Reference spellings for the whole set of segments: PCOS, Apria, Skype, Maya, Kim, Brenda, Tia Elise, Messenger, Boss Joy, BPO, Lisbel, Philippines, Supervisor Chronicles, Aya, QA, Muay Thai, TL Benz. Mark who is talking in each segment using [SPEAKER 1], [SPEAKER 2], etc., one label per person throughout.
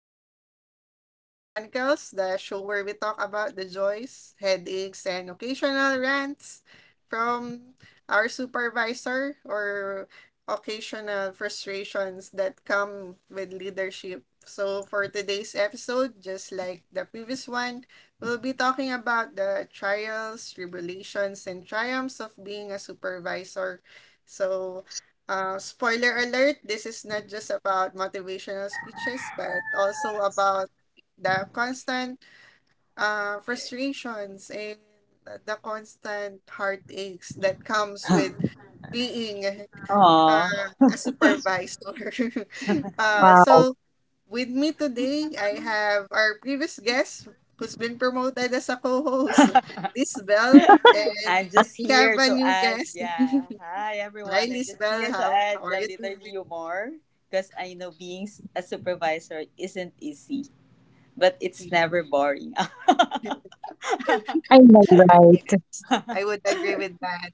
[SPEAKER 1] to the Supervisor Chronicles, the show where we talk about the joys, headaches, and occasional rants from our supervisor or occasional frustrations that come with leadership. So, for today's episode, just like the previous one, we'll be talking about the trials, tribulations, and triumphs of being a supervisor. So, spoiler alert, this is not just about motivational speeches, but also about the constant frustrations and the constant heartaches that comes with being uh,
[SPEAKER 2] Oh,
[SPEAKER 1] a supervisor. uh,
[SPEAKER 3] Wow,
[SPEAKER 1] so with me today, I have our previous guest who's been promoted as a co-host, Lisbel. Then
[SPEAKER 2] I'm just
[SPEAKER 1] we have
[SPEAKER 2] here
[SPEAKER 1] a
[SPEAKER 2] to
[SPEAKER 1] new
[SPEAKER 2] add,
[SPEAKER 1] guest.
[SPEAKER 2] yeah. Hi,
[SPEAKER 1] Hi,
[SPEAKER 2] everyone. I'm just
[SPEAKER 1] Lisbel.
[SPEAKER 2] here to
[SPEAKER 1] How
[SPEAKER 2] add
[SPEAKER 1] are
[SPEAKER 2] a
[SPEAKER 1] you
[SPEAKER 2] little
[SPEAKER 1] doing?
[SPEAKER 2] humor because I know being a supervisor isn't easy, but it's never boring.
[SPEAKER 3] I know, right?
[SPEAKER 1] I would agree with that.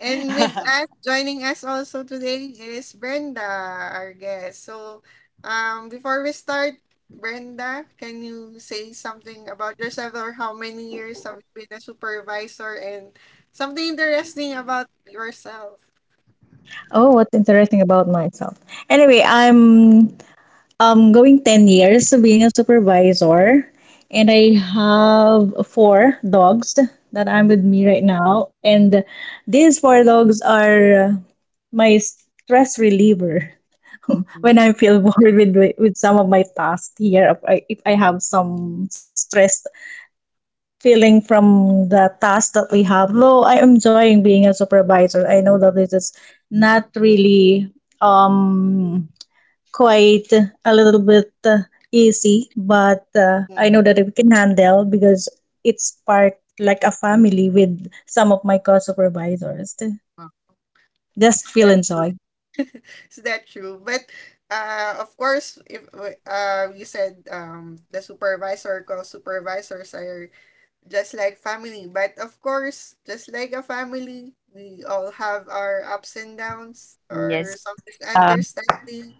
[SPEAKER 1] And with us joining us also today is Brenda, our guest. So, before we start, Brenda, can you say something about yourself or how many years have you been a supervisor and something interesting about yourself?
[SPEAKER 3] Oh, what's interesting about myself? Anyway, I'm going 10 years being a supervisor, and I have four dogs that I'm with me right now. And these four dogs are my stress reliever
[SPEAKER 1] Mm,
[SPEAKER 3] when I feel bored with some of my tasks here if if I have some stress feeling from the task that we have. Though I am enjoying being a supervisor, I know that this is not really um quite a little bit easy, but I know that we can handle because it's part like a family with some of my co-supervisors. Just
[SPEAKER 1] Is
[SPEAKER 3] feel
[SPEAKER 1] that
[SPEAKER 3] and
[SPEAKER 1] true?
[SPEAKER 3] joy.
[SPEAKER 1] Is that true? But of course, if you said, the supervisor, co supervisors are just like family. But of course, just like a family, we all have our ups and downs or
[SPEAKER 2] Yes,
[SPEAKER 1] some
[SPEAKER 3] Yeah,
[SPEAKER 1] misunderstanding.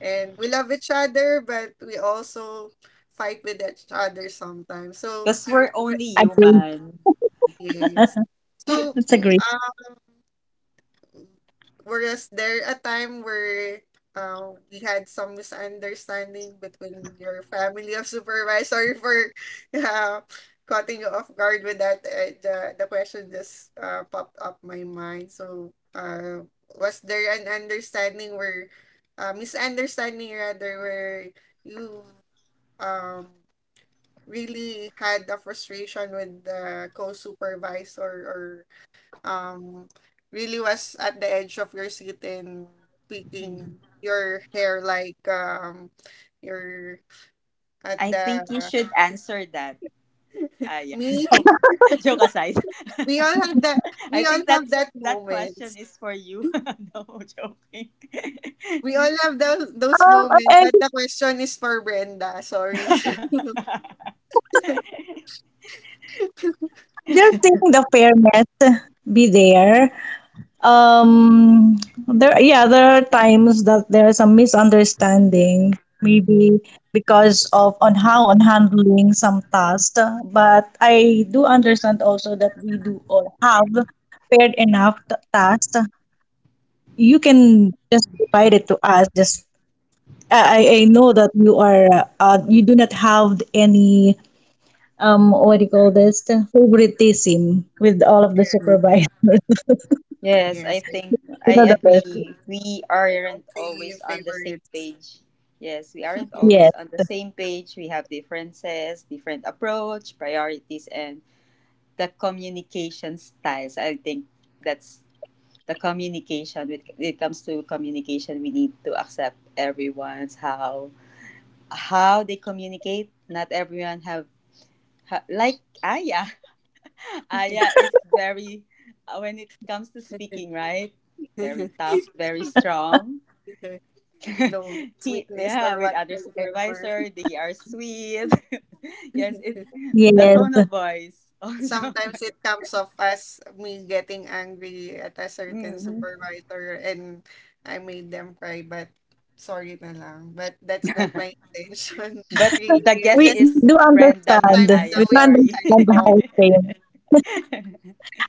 [SPEAKER 1] And we love each other, but we also fight with each other sometimes. So,
[SPEAKER 2] because we're
[SPEAKER 1] re-
[SPEAKER 2] only
[SPEAKER 3] agree.
[SPEAKER 2] human.
[SPEAKER 1] yes. So,
[SPEAKER 3] That's a great.
[SPEAKER 1] whereas there a time where we had some misunderstanding between your family of supervisors. Sorry for uh, cutting you off guard with that. The question just popped up my mind. So, was there an understanding where, misunderstanding rather, where you um really had a frustration with the co-supervisor, or um really was at the edge of your seat and picking
[SPEAKER 2] Mhm.
[SPEAKER 1] your hair, like, your at
[SPEAKER 2] I think you
[SPEAKER 1] the
[SPEAKER 2] should answer that. Yeah.
[SPEAKER 1] me
[SPEAKER 2] Joke, joke aside.
[SPEAKER 1] we all have that
[SPEAKER 2] I
[SPEAKER 1] we all
[SPEAKER 2] think
[SPEAKER 1] have
[SPEAKER 2] that's
[SPEAKER 1] that
[SPEAKER 2] that question
[SPEAKER 1] moments
[SPEAKER 2] is for you. No joking.
[SPEAKER 1] we all
[SPEAKER 3] Um,
[SPEAKER 1] have
[SPEAKER 3] I I
[SPEAKER 1] those moments, but the question is for Brenda. Sorry.
[SPEAKER 3] just seeing the fairness be there. Um, there, yeah, there are times that there are some misunderstandings, maybe because of on how on handling some tasks. But I do understand also that we do all have paired enough tasks. You can just provide it to us. Just I I know that you are you do not have any what do you call this favoritism with all of the
[SPEAKER 2] Mhm.
[SPEAKER 3] supervisors.
[SPEAKER 2] Yes,
[SPEAKER 1] yes
[SPEAKER 2] I
[SPEAKER 1] I,
[SPEAKER 2] think
[SPEAKER 3] You
[SPEAKER 2] I
[SPEAKER 3] know the best.
[SPEAKER 2] agree. We
[SPEAKER 1] I don't
[SPEAKER 2] aren't
[SPEAKER 1] see
[SPEAKER 2] always on the same
[SPEAKER 1] favorites.
[SPEAKER 2] page. Yes, we aren't always
[SPEAKER 3] Yes.
[SPEAKER 2] on the same page. We have differences, different approach, priorities, and the communication styles. I think that's the communication. When it comes to communication, we need to accept everyone's how they communicate. Not everyone have, ha like I Aya is very, when it comes to speaking, right? Very tough, very strong.
[SPEAKER 1] No sweetness or
[SPEAKER 2] With other
[SPEAKER 1] whatsoever.
[SPEAKER 2] supervisor, they are sweet. Yes, it the
[SPEAKER 3] Yes,
[SPEAKER 2] tone of voice also.
[SPEAKER 1] Sometimes it comes off as me getting angry at a certain
[SPEAKER 2] Mhm.
[SPEAKER 1] supervisor and I made them cry, but sorry na lang. But that's not my intention,
[SPEAKER 2] But
[SPEAKER 1] really.
[SPEAKER 2] the
[SPEAKER 1] It's
[SPEAKER 2] guest
[SPEAKER 3] We
[SPEAKER 2] is
[SPEAKER 1] just
[SPEAKER 3] do
[SPEAKER 2] Brenda,
[SPEAKER 3] understand.
[SPEAKER 2] not
[SPEAKER 1] sometimes
[SPEAKER 3] We
[SPEAKER 1] the
[SPEAKER 2] Aya.
[SPEAKER 3] do
[SPEAKER 1] way
[SPEAKER 2] Sorry.
[SPEAKER 1] I
[SPEAKER 3] understand how
[SPEAKER 1] talk.
[SPEAKER 3] it came.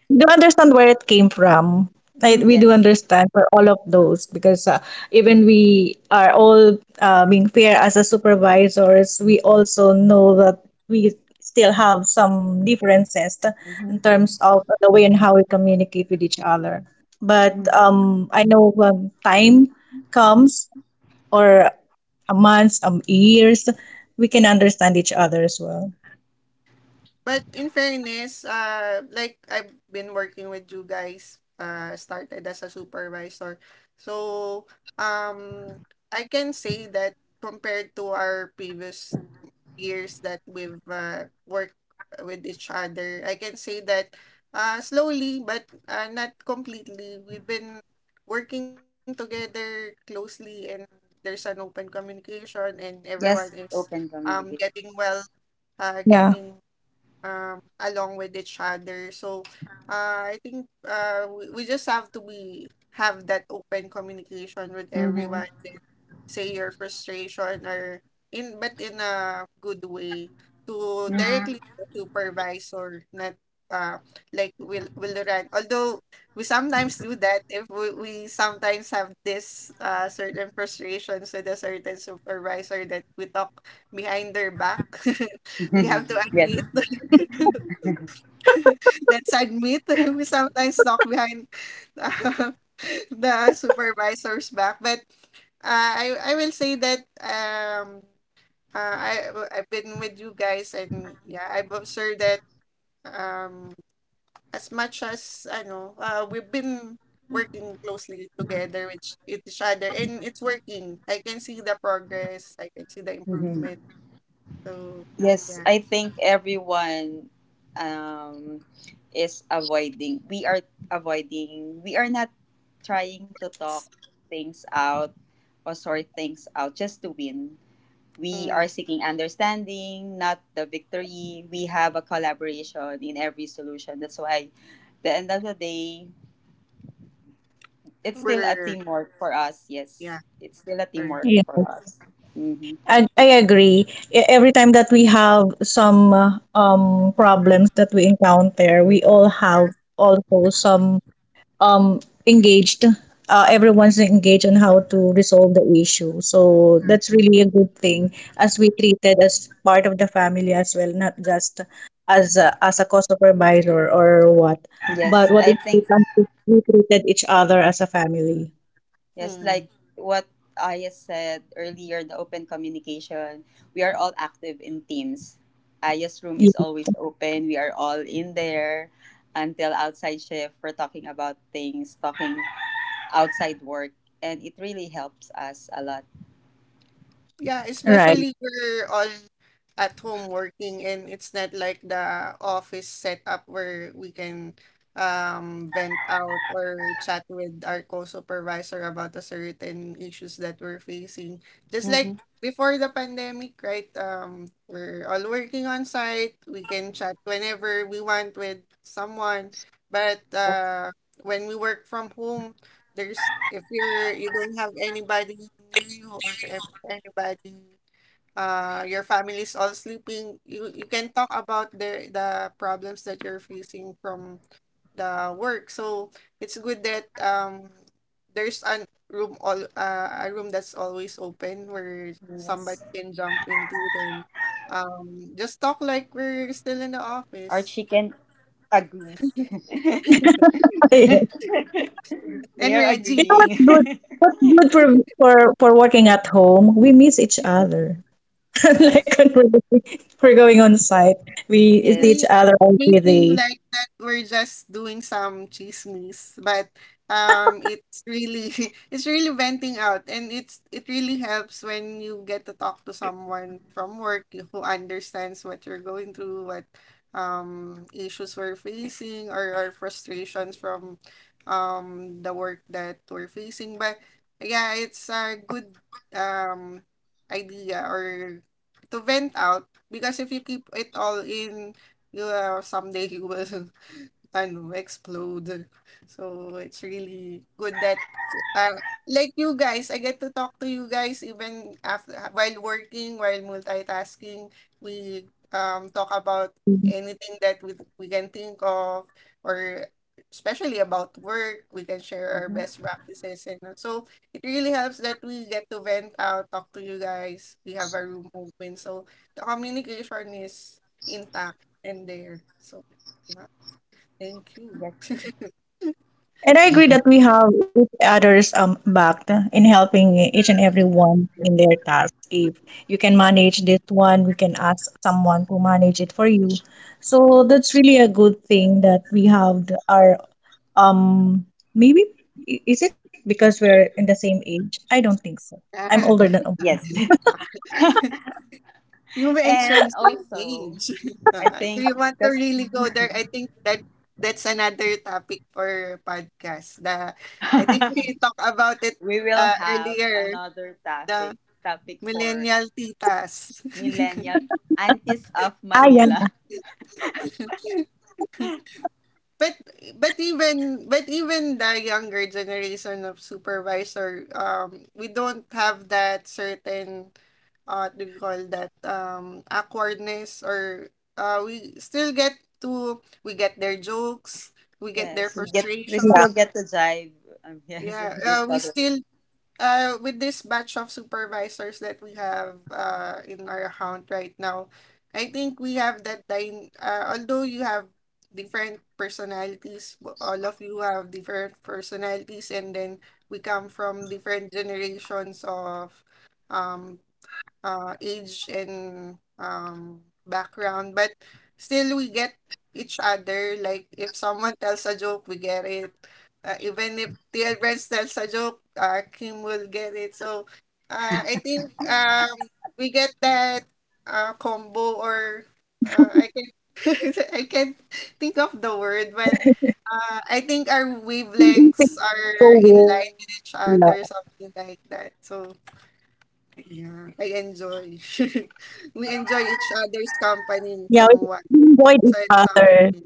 [SPEAKER 3] We do understand where it came from. Right?
[SPEAKER 2] Mm,
[SPEAKER 3] We do
[SPEAKER 2] yes.
[SPEAKER 3] understand for all of those because even we are all being fair as a supervisors, we also know that we still have some differences in
[SPEAKER 2] Mhm.
[SPEAKER 3] terms of the way and how we communicate with each other. But
[SPEAKER 2] Mm.
[SPEAKER 3] I know when time comes or a months, years, we can understand each other as well.
[SPEAKER 1] But in fairness, like I've been working with you guys, started as a supervisor. So, um, I can say that compared to our previous years that we've worked with each other, I can say that, slowly but, not completely, we've been working together closely and there's an open communication and everyone
[SPEAKER 2] Yes,
[SPEAKER 1] is,
[SPEAKER 2] open communication.
[SPEAKER 1] getting well,
[SPEAKER 3] Yeah,
[SPEAKER 1] getting, along with each other. So, I think, we, just have to be, have that open communication with
[SPEAKER 2] Mhm.
[SPEAKER 1] everyone and say your frustration or in, but in a good way, to
[SPEAKER 2] Mhm.
[SPEAKER 1] directly to supervisor, not uh like, will run. Although we sometimes do that, if we, sometimes have this certain frustrations with a certain supervisor that we talk behind their back, we have to
[SPEAKER 2] Yes.
[SPEAKER 1] admit. Let's admit, we sometimes talk behind, uh, the supervisor's back. But, I will say that, I've been with you guys, and yeah, I've observed that, um as much as I know, we've been working closely together with each other, and it's working. I can see the progress. I can see the
[SPEAKER 2] Mm-hmm.
[SPEAKER 1] improvement. So,
[SPEAKER 2] Yes,
[SPEAKER 1] yeah,
[SPEAKER 2] I think everyone, um, is avoiding. We are avoiding. We are not trying to
[SPEAKER 1] it's,
[SPEAKER 2] talk things out or sort things out just to win. We
[SPEAKER 1] mm,
[SPEAKER 2] are seeking understanding, not the victory. We have a collaboration in every solution. That's why, the end of the day, it's still a
[SPEAKER 1] we're
[SPEAKER 2] teamwork for us.
[SPEAKER 1] yeah
[SPEAKER 2] Yes, it's still a
[SPEAKER 1] we're,
[SPEAKER 2] teamwork
[SPEAKER 3] yeah.
[SPEAKER 2] for us. hmm
[SPEAKER 3] I agree. Every time that we have some problems that we encounter, we all have also some um engaged. Everyone's engaged on how to resolve the issue. So that's really a good thing as we treated as part of the family as well, not just as as a co-supervisor or what.
[SPEAKER 2] Yes,
[SPEAKER 3] But what
[SPEAKER 2] I
[SPEAKER 3] is
[SPEAKER 2] think.
[SPEAKER 3] important is we treated each other as a family.
[SPEAKER 2] Yes,
[SPEAKER 1] mm,
[SPEAKER 2] like what Aya said earlier, the open communication. We are all active in teams. Aya's room is
[SPEAKER 3] Yeah.
[SPEAKER 2] always open. We are all in there until outside shift. We're talking about things, talking outside work, and it really helps us a lot.
[SPEAKER 1] yeah.
[SPEAKER 3] Right.
[SPEAKER 1] Especially we're all at home working and it's not like the office setup where we can, vent out or chat with our co-supervisor about the certain issues that we're facing. Just like
[SPEAKER 2] Mm-hmm.
[SPEAKER 1] before the pandemic, right? We're all working on site. We can chat whenever we want with someone. But, when we work from home, there's, if you don't have anybody near you or anybody, your family is all sleeping, you can talk about the problems that you're facing from the work. So it's good that, there's an room all a room that's always open where somebody
[SPEAKER 2] Yes,
[SPEAKER 1] can jump into, then, just talk like we're still in the
[SPEAKER 2] our
[SPEAKER 1] office.
[SPEAKER 2] chicken agrees. They
[SPEAKER 1] And
[SPEAKER 2] are
[SPEAKER 3] You
[SPEAKER 1] Reggie.
[SPEAKER 3] know
[SPEAKER 2] agreeing.
[SPEAKER 3] what's good? What's good for for for working at home? We miss each other. Like
[SPEAKER 2] Yes,
[SPEAKER 3] when we're going on site, we
[SPEAKER 1] It
[SPEAKER 3] see each
[SPEAKER 1] may
[SPEAKER 2] yes.
[SPEAKER 3] other
[SPEAKER 1] may
[SPEAKER 3] every
[SPEAKER 1] seem
[SPEAKER 3] day.
[SPEAKER 1] like that we're just doing some chismis, but, it's really it's really venting out, and it really helps when you get to talk to someone from work who understands what you're going through, what, issues we're facing or our frustrations from, the work that we're facing. But yeah, it's a good, um idea or to vent out, because if you keep it all in, you someday you will, I know, explode. So it's really good that, uh, like, you guys, I get to talk to you guys even after, while working, while multitasking. We, talk about anything that we can think of, or especially about work, we can share our
[SPEAKER 2] Mhm.
[SPEAKER 1] best practices. And so it really helps that we get to vent out, talk to you guys. We have our room open. So the communication is intact and there. So yeah. Thank you.
[SPEAKER 2] Yes,
[SPEAKER 3] And I agree that we have each other's back in helping each and every one in their task. If you can manage this one, we can ask someone to manage it for you. So that's really a good thing that we have our. Um, maybe is it because we're in the same age? I don't think so. I'm older
[SPEAKER 1] Ah,
[SPEAKER 3] than Om.
[SPEAKER 2] yes.
[SPEAKER 1] you
[SPEAKER 2] and
[SPEAKER 1] mentioned same
[SPEAKER 2] also.
[SPEAKER 1] age.
[SPEAKER 2] I
[SPEAKER 1] Ah, do
[SPEAKER 2] think
[SPEAKER 1] you want to
[SPEAKER 2] that's
[SPEAKER 1] really go there? I think that that's another topic for podcast. The I think we talked about it
[SPEAKER 2] we will have
[SPEAKER 1] earlier.
[SPEAKER 2] another topic
[SPEAKER 1] The
[SPEAKER 2] for
[SPEAKER 1] millennial titas.
[SPEAKER 2] millennial aunties of
[SPEAKER 3] Ah, yeah,
[SPEAKER 2] Manila.
[SPEAKER 1] But but even the younger generation of supervisor, we don't have that certain, what do you call that, awkwardness, or uh we still get we get their jokes, we get their
[SPEAKER 2] Yes, we
[SPEAKER 1] frustration.
[SPEAKER 2] still
[SPEAKER 3] yeah.
[SPEAKER 2] get to jive. Yes,
[SPEAKER 1] Yeah,
[SPEAKER 2] with each
[SPEAKER 1] we
[SPEAKER 2] other.
[SPEAKER 1] still, with this batch of supervisors that we have, in our account right now, I think we have that line. Although you have different personalities, all of you have different personalities, and then we come from different generations of, um, age and, background, but still we get each other. Like if someone tells a joke, we get it. Even if TL Benz tells a joke, Kim will get it. So, I think, we get that, combo, or, I can I can't think of the word, but, I think our
[SPEAKER 3] We need
[SPEAKER 1] wavelengths
[SPEAKER 3] to go
[SPEAKER 1] are in
[SPEAKER 3] with
[SPEAKER 1] line
[SPEAKER 3] the,
[SPEAKER 1] with each other, something like that. So, yeah, I enjoy. We enjoy each other's
[SPEAKER 3] yeah.
[SPEAKER 1] company
[SPEAKER 3] We enjoyed
[SPEAKER 1] somewhat,
[SPEAKER 3] each
[SPEAKER 1] so
[SPEAKER 3] other.
[SPEAKER 1] in some way.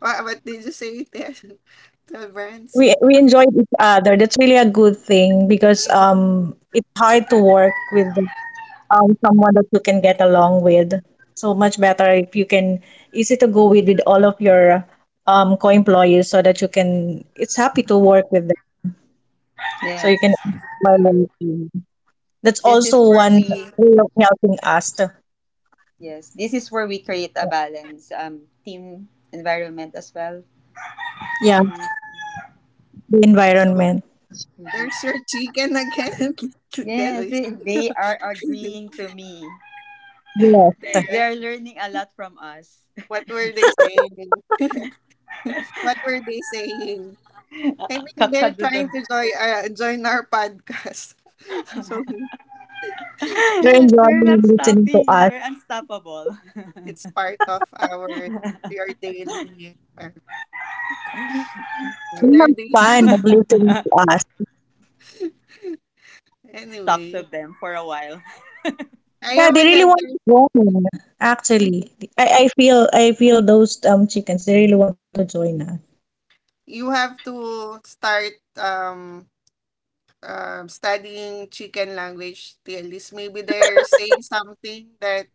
[SPEAKER 1] What did you say there? The brands.
[SPEAKER 3] We enjoyed each other. That's really a good thing because it's hard to work with someone that you can get along with. So much better if you can easy to go with all of your co-employees so that you can it's happy to work with them so you can.
[SPEAKER 2] Yes,
[SPEAKER 3] That's
[SPEAKER 2] this is
[SPEAKER 3] also
[SPEAKER 2] where
[SPEAKER 3] one
[SPEAKER 2] we
[SPEAKER 3] way of helping us. To,
[SPEAKER 2] yes, this is where we create a balance team environment as well.
[SPEAKER 3] yeah,
[SPEAKER 1] Hmm.
[SPEAKER 3] the
[SPEAKER 1] So
[SPEAKER 3] environment.
[SPEAKER 1] there's
[SPEAKER 2] Mhm.
[SPEAKER 1] your chicken again.
[SPEAKER 2] Yes,
[SPEAKER 1] Together.
[SPEAKER 2] they are agreeing to me.
[SPEAKER 3] Yes,
[SPEAKER 2] They are learning a lot from us.
[SPEAKER 1] What were they saying? What were they saying? I mean, they're
[SPEAKER 2] Kakadudo.
[SPEAKER 1] trying to join, join our podcast. So
[SPEAKER 3] they're
[SPEAKER 2] They're
[SPEAKER 3] enjoying
[SPEAKER 2] not
[SPEAKER 3] listening to
[SPEAKER 2] stopping.
[SPEAKER 3] us.
[SPEAKER 2] They're unstoppable.
[SPEAKER 1] it's part of our your daily. uh,
[SPEAKER 3] They
[SPEAKER 1] their
[SPEAKER 3] have
[SPEAKER 1] day.
[SPEAKER 3] fun of listening to us.
[SPEAKER 2] I'll just talk to
[SPEAKER 1] Anyway,
[SPEAKER 2] them for a while.
[SPEAKER 1] I
[SPEAKER 3] Yeah, they
[SPEAKER 1] haven't
[SPEAKER 3] really
[SPEAKER 1] had.
[SPEAKER 3] want to join. Actually, I feel those chickens. They really want to join us.
[SPEAKER 1] You have to start, studying chicken language, at least maybe they're saying something that,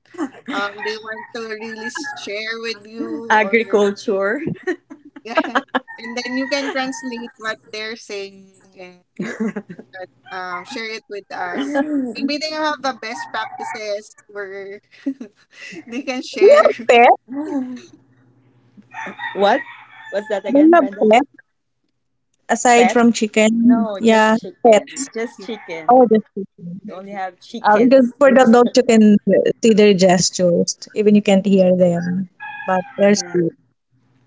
[SPEAKER 1] they want to really share with you, or
[SPEAKER 2] Agriculture.
[SPEAKER 1] yeah, and then you can translate what they're saying and, share it with us. Maybe they have the best practices where they can
[SPEAKER 3] Do you
[SPEAKER 1] share.
[SPEAKER 3] have pet?
[SPEAKER 2] What? What's that
[SPEAKER 3] Do you
[SPEAKER 2] again,
[SPEAKER 3] have
[SPEAKER 2] Brenda?
[SPEAKER 3] pet aside
[SPEAKER 2] Pet?
[SPEAKER 3] from chicken?
[SPEAKER 2] No,
[SPEAKER 3] Yeah,
[SPEAKER 2] just
[SPEAKER 3] pet.
[SPEAKER 2] chicken. Just
[SPEAKER 3] Oh,
[SPEAKER 2] chicken.
[SPEAKER 3] just
[SPEAKER 2] You only have
[SPEAKER 3] because
[SPEAKER 2] chickens.
[SPEAKER 3] for the dogs you can see their gestures, even you can't hear them, but there's.
[SPEAKER 2] Yeah.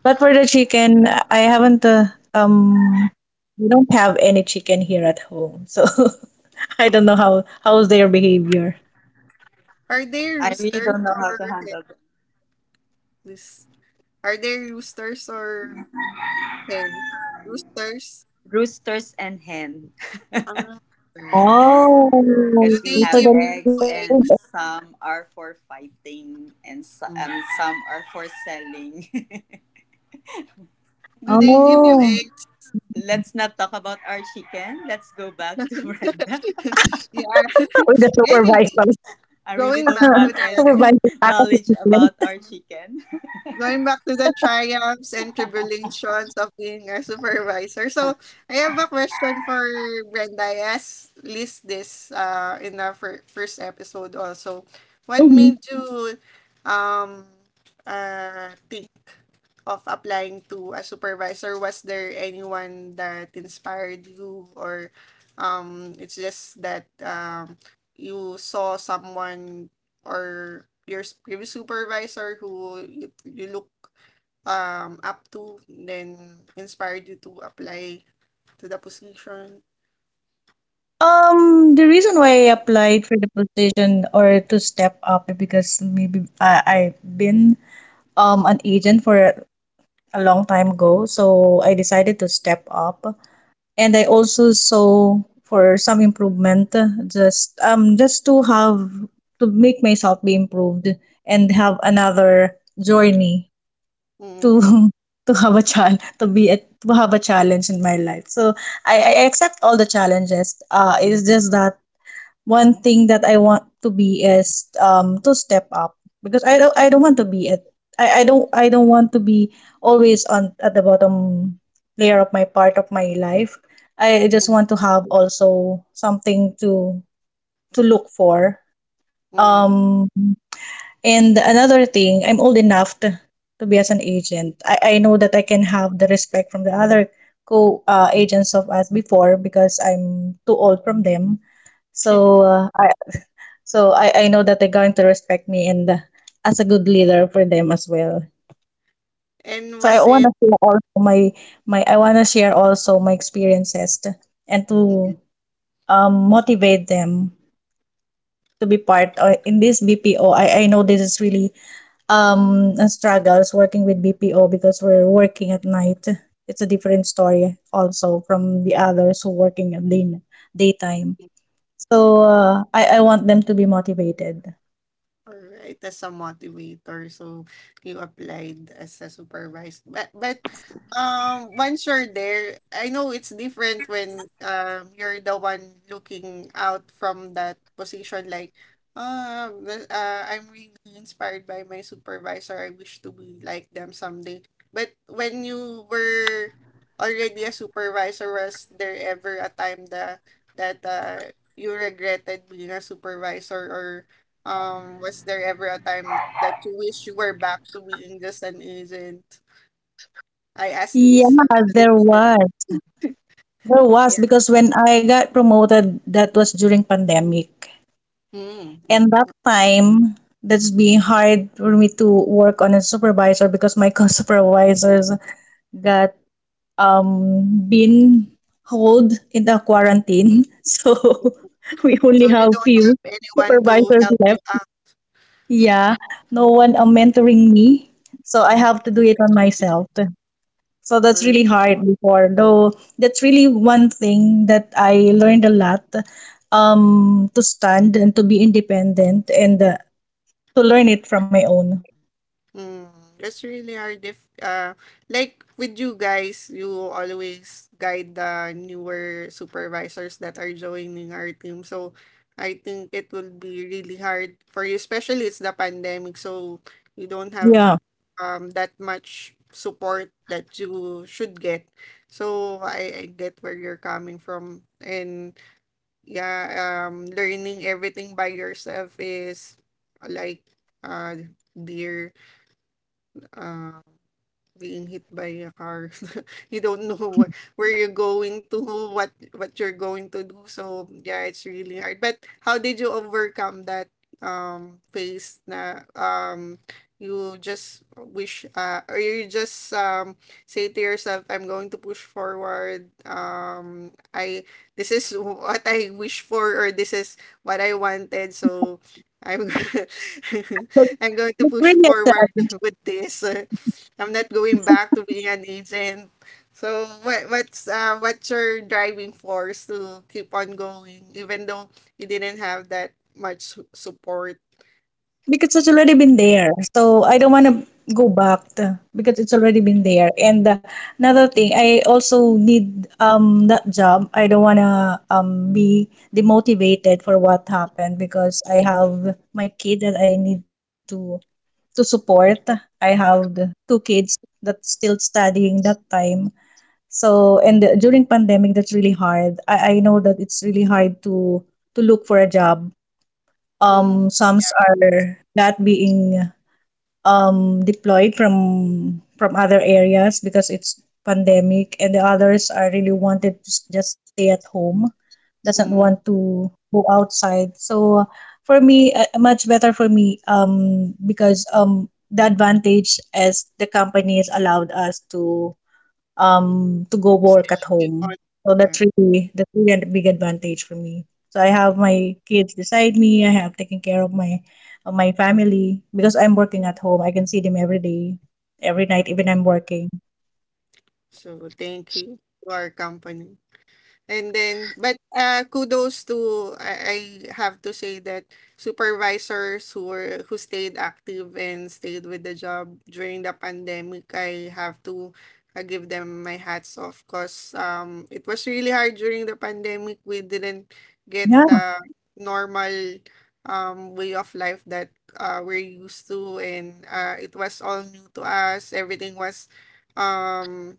[SPEAKER 3] But for the chicken, I haven't. We don't have any chicken here at home, so I don't know how how's their behavior.
[SPEAKER 1] Are they
[SPEAKER 2] I really
[SPEAKER 1] roosters
[SPEAKER 2] don't know
[SPEAKER 1] or
[SPEAKER 2] how to handle them.
[SPEAKER 1] hens? Are they roosters or hens? Roosters?
[SPEAKER 2] Roosters and hen.
[SPEAKER 1] Ah, alright.
[SPEAKER 3] Oh,
[SPEAKER 1] Do
[SPEAKER 2] Because we
[SPEAKER 3] so
[SPEAKER 1] they
[SPEAKER 3] the
[SPEAKER 2] have
[SPEAKER 1] give
[SPEAKER 3] lady.
[SPEAKER 1] you
[SPEAKER 2] eggs
[SPEAKER 1] egg?
[SPEAKER 2] and some are for fighting
[SPEAKER 1] Mm.
[SPEAKER 2] and some are for selling.
[SPEAKER 1] Do they give you
[SPEAKER 3] Oh,
[SPEAKER 1] eggs?
[SPEAKER 2] Let's not talk about our chicken. Let's go back to Brenda.
[SPEAKER 3] with
[SPEAKER 1] Yeah.
[SPEAKER 3] the supervisor.
[SPEAKER 1] Anyway,
[SPEAKER 2] I really
[SPEAKER 1] going
[SPEAKER 2] don't
[SPEAKER 1] back
[SPEAKER 2] have
[SPEAKER 1] to
[SPEAKER 3] Supervisor
[SPEAKER 1] that,
[SPEAKER 2] any
[SPEAKER 3] tackles the
[SPEAKER 2] knowledge
[SPEAKER 3] chicken.
[SPEAKER 2] about our chicken.
[SPEAKER 1] going back to the triumphs and tribulations of being a supervisor. So I have a question for Brenda. I asked list this, in the first episode also. What
[SPEAKER 3] Mhm.
[SPEAKER 1] made you, um think of applying to a supervisor? Was there anyone that inspired you, or, it's just that, you saw someone, or your previous supervisor who you, look, up to, then inspired you to apply to the position.
[SPEAKER 3] The reason why I applied for the position or to step up is because maybe I've been an agent for a long time ago, so I decided to step up. And I also saw for some improvement just to have to make myself be improved and have another journey
[SPEAKER 1] Mm.
[SPEAKER 3] to to have a child to be to have a challenge in my life. So I accept all the challenges it's just that one thing that I want to be is to step up because I don't want to be at I don't want to be always on at the bottom layer of my part of my life. I
[SPEAKER 1] Mm.
[SPEAKER 3] just want to have also something to look for.
[SPEAKER 1] Mm.
[SPEAKER 3] Um and another thing, I'm old enough to be as an agent. I know that I can have the respect from the other co agents of us before because I'm too old from them. So so I know that they're going to respect me and as a good leader for them as well.
[SPEAKER 1] And
[SPEAKER 3] So I
[SPEAKER 1] was
[SPEAKER 3] want
[SPEAKER 1] it,
[SPEAKER 3] to share also my I want to share also my experiences to, and to
[SPEAKER 1] mm.
[SPEAKER 3] motivate them to be part in this BPO. I know this is really a struggles working with BPO because we're working at night. It's a different story also from the others who working at day, daytime. So I want them to be motivated.
[SPEAKER 1] Alright, as a motivator, so you applied as a supervisor. But once you're there, I know it's different when, you're the one looking out from that position, like, I'm really inspired by my supervisor, I wish to be like them someday. But when you were already a supervisor, was there ever a time that you regretted being a supervisor, or, was there ever a time that you wish you were back to being just an agent? I asked
[SPEAKER 3] Yeah,
[SPEAKER 1] Liz on
[SPEAKER 3] there was.
[SPEAKER 1] the.
[SPEAKER 3] There
[SPEAKER 1] Yeah.
[SPEAKER 3] was because when I got promoted, that was during pandemic. And
[SPEAKER 1] Mm-hmm.
[SPEAKER 3] that time, that's being hard for me to work on a supervisor because my co-supervisors got been hold in the quarantine. So we
[SPEAKER 1] So
[SPEAKER 3] only
[SPEAKER 1] you
[SPEAKER 3] have
[SPEAKER 1] don't
[SPEAKER 3] few
[SPEAKER 1] have anyone to
[SPEAKER 3] supervisors
[SPEAKER 1] help you
[SPEAKER 3] left.
[SPEAKER 1] out.
[SPEAKER 3] Yeah, no one mentoring me. So I
[SPEAKER 1] Mm,
[SPEAKER 3] have to do it
[SPEAKER 1] that's
[SPEAKER 3] on myself. So that's
[SPEAKER 1] really-
[SPEAKER 3] really hard before, though that's really one thing that I learned a lot to stand and to be independent and to learn it from my own.
[SPEAKER 1] Mm, that's really, our diff like with you guys, you always guide the newer supervisors that are joining our team. So I think it will be really hard for you, especially it's the pandemic, so you don't have,
[SPEAKER 3] Yeah,
[SPEAKER 1] that much support that you should get. So, I get where you're coming from. And yeah, learning everything by yourself is like, uh dear, uh, being hit by a car. You don't know what, where you're going to, what what you're going to do. So yeah, it's really hard. But how did you overcome that phase na you just wish or you just say to yourself, I'm going to push forward I this is what I wish for or this is what I wanted. So I'm
[SPEAKER 3] so
[SPEAKER 1] I'm going to
[SPEAKER 3] it's
[SPEAKER 1] push
[SPEAKER 3] really.
[SPEAKER 1] forward with this. I'm not going back to being an agent. So what's your driving force to keep on going, even though you didn't have that much support?
[SPEAKER 3] Because it's already been there. So I don't want to go back to, because it's already been there. And another thing, I also need that job. I don't want to be demotivated for what happened because I have my kid that I need to support. I have the two kids that still studying that time. So and during pandemic that's really hard. I know that it's really hard to look for a job
[SPEAKER 1] Mm,
[SPEAKER 3] some are that being deployed from other areas because it's pandemic, and the others are really wanted to just stay at home, doesn't want
[SPEAKER 1] mm,
[SPEAKER 3] to go outside. So for me, much better for me because the advantage is the companies allowed us to go work at
[SPEAKER 1] keep on,
[SPEAKER 3] home. So
[SPEAKER 1] yeah.
[SPEAKER 3] that's really a big advantage for me. So I have my kids beside me. I have taken care of my family because I'm working at home. I can see them every day, every night, even I'm working.
[SPEAKER 1] So thank you to our company. And then, but kudos to, I have to say, that supervisors who stayed active and stayed with the job during the pandemic. I have to give them my hats off, because it was really hard during the pandemic. We didn't
[SPEAKER 3] Yeah,
[SPEAKER 1] get the normal way of life that we're used to, and it was all new to us. Um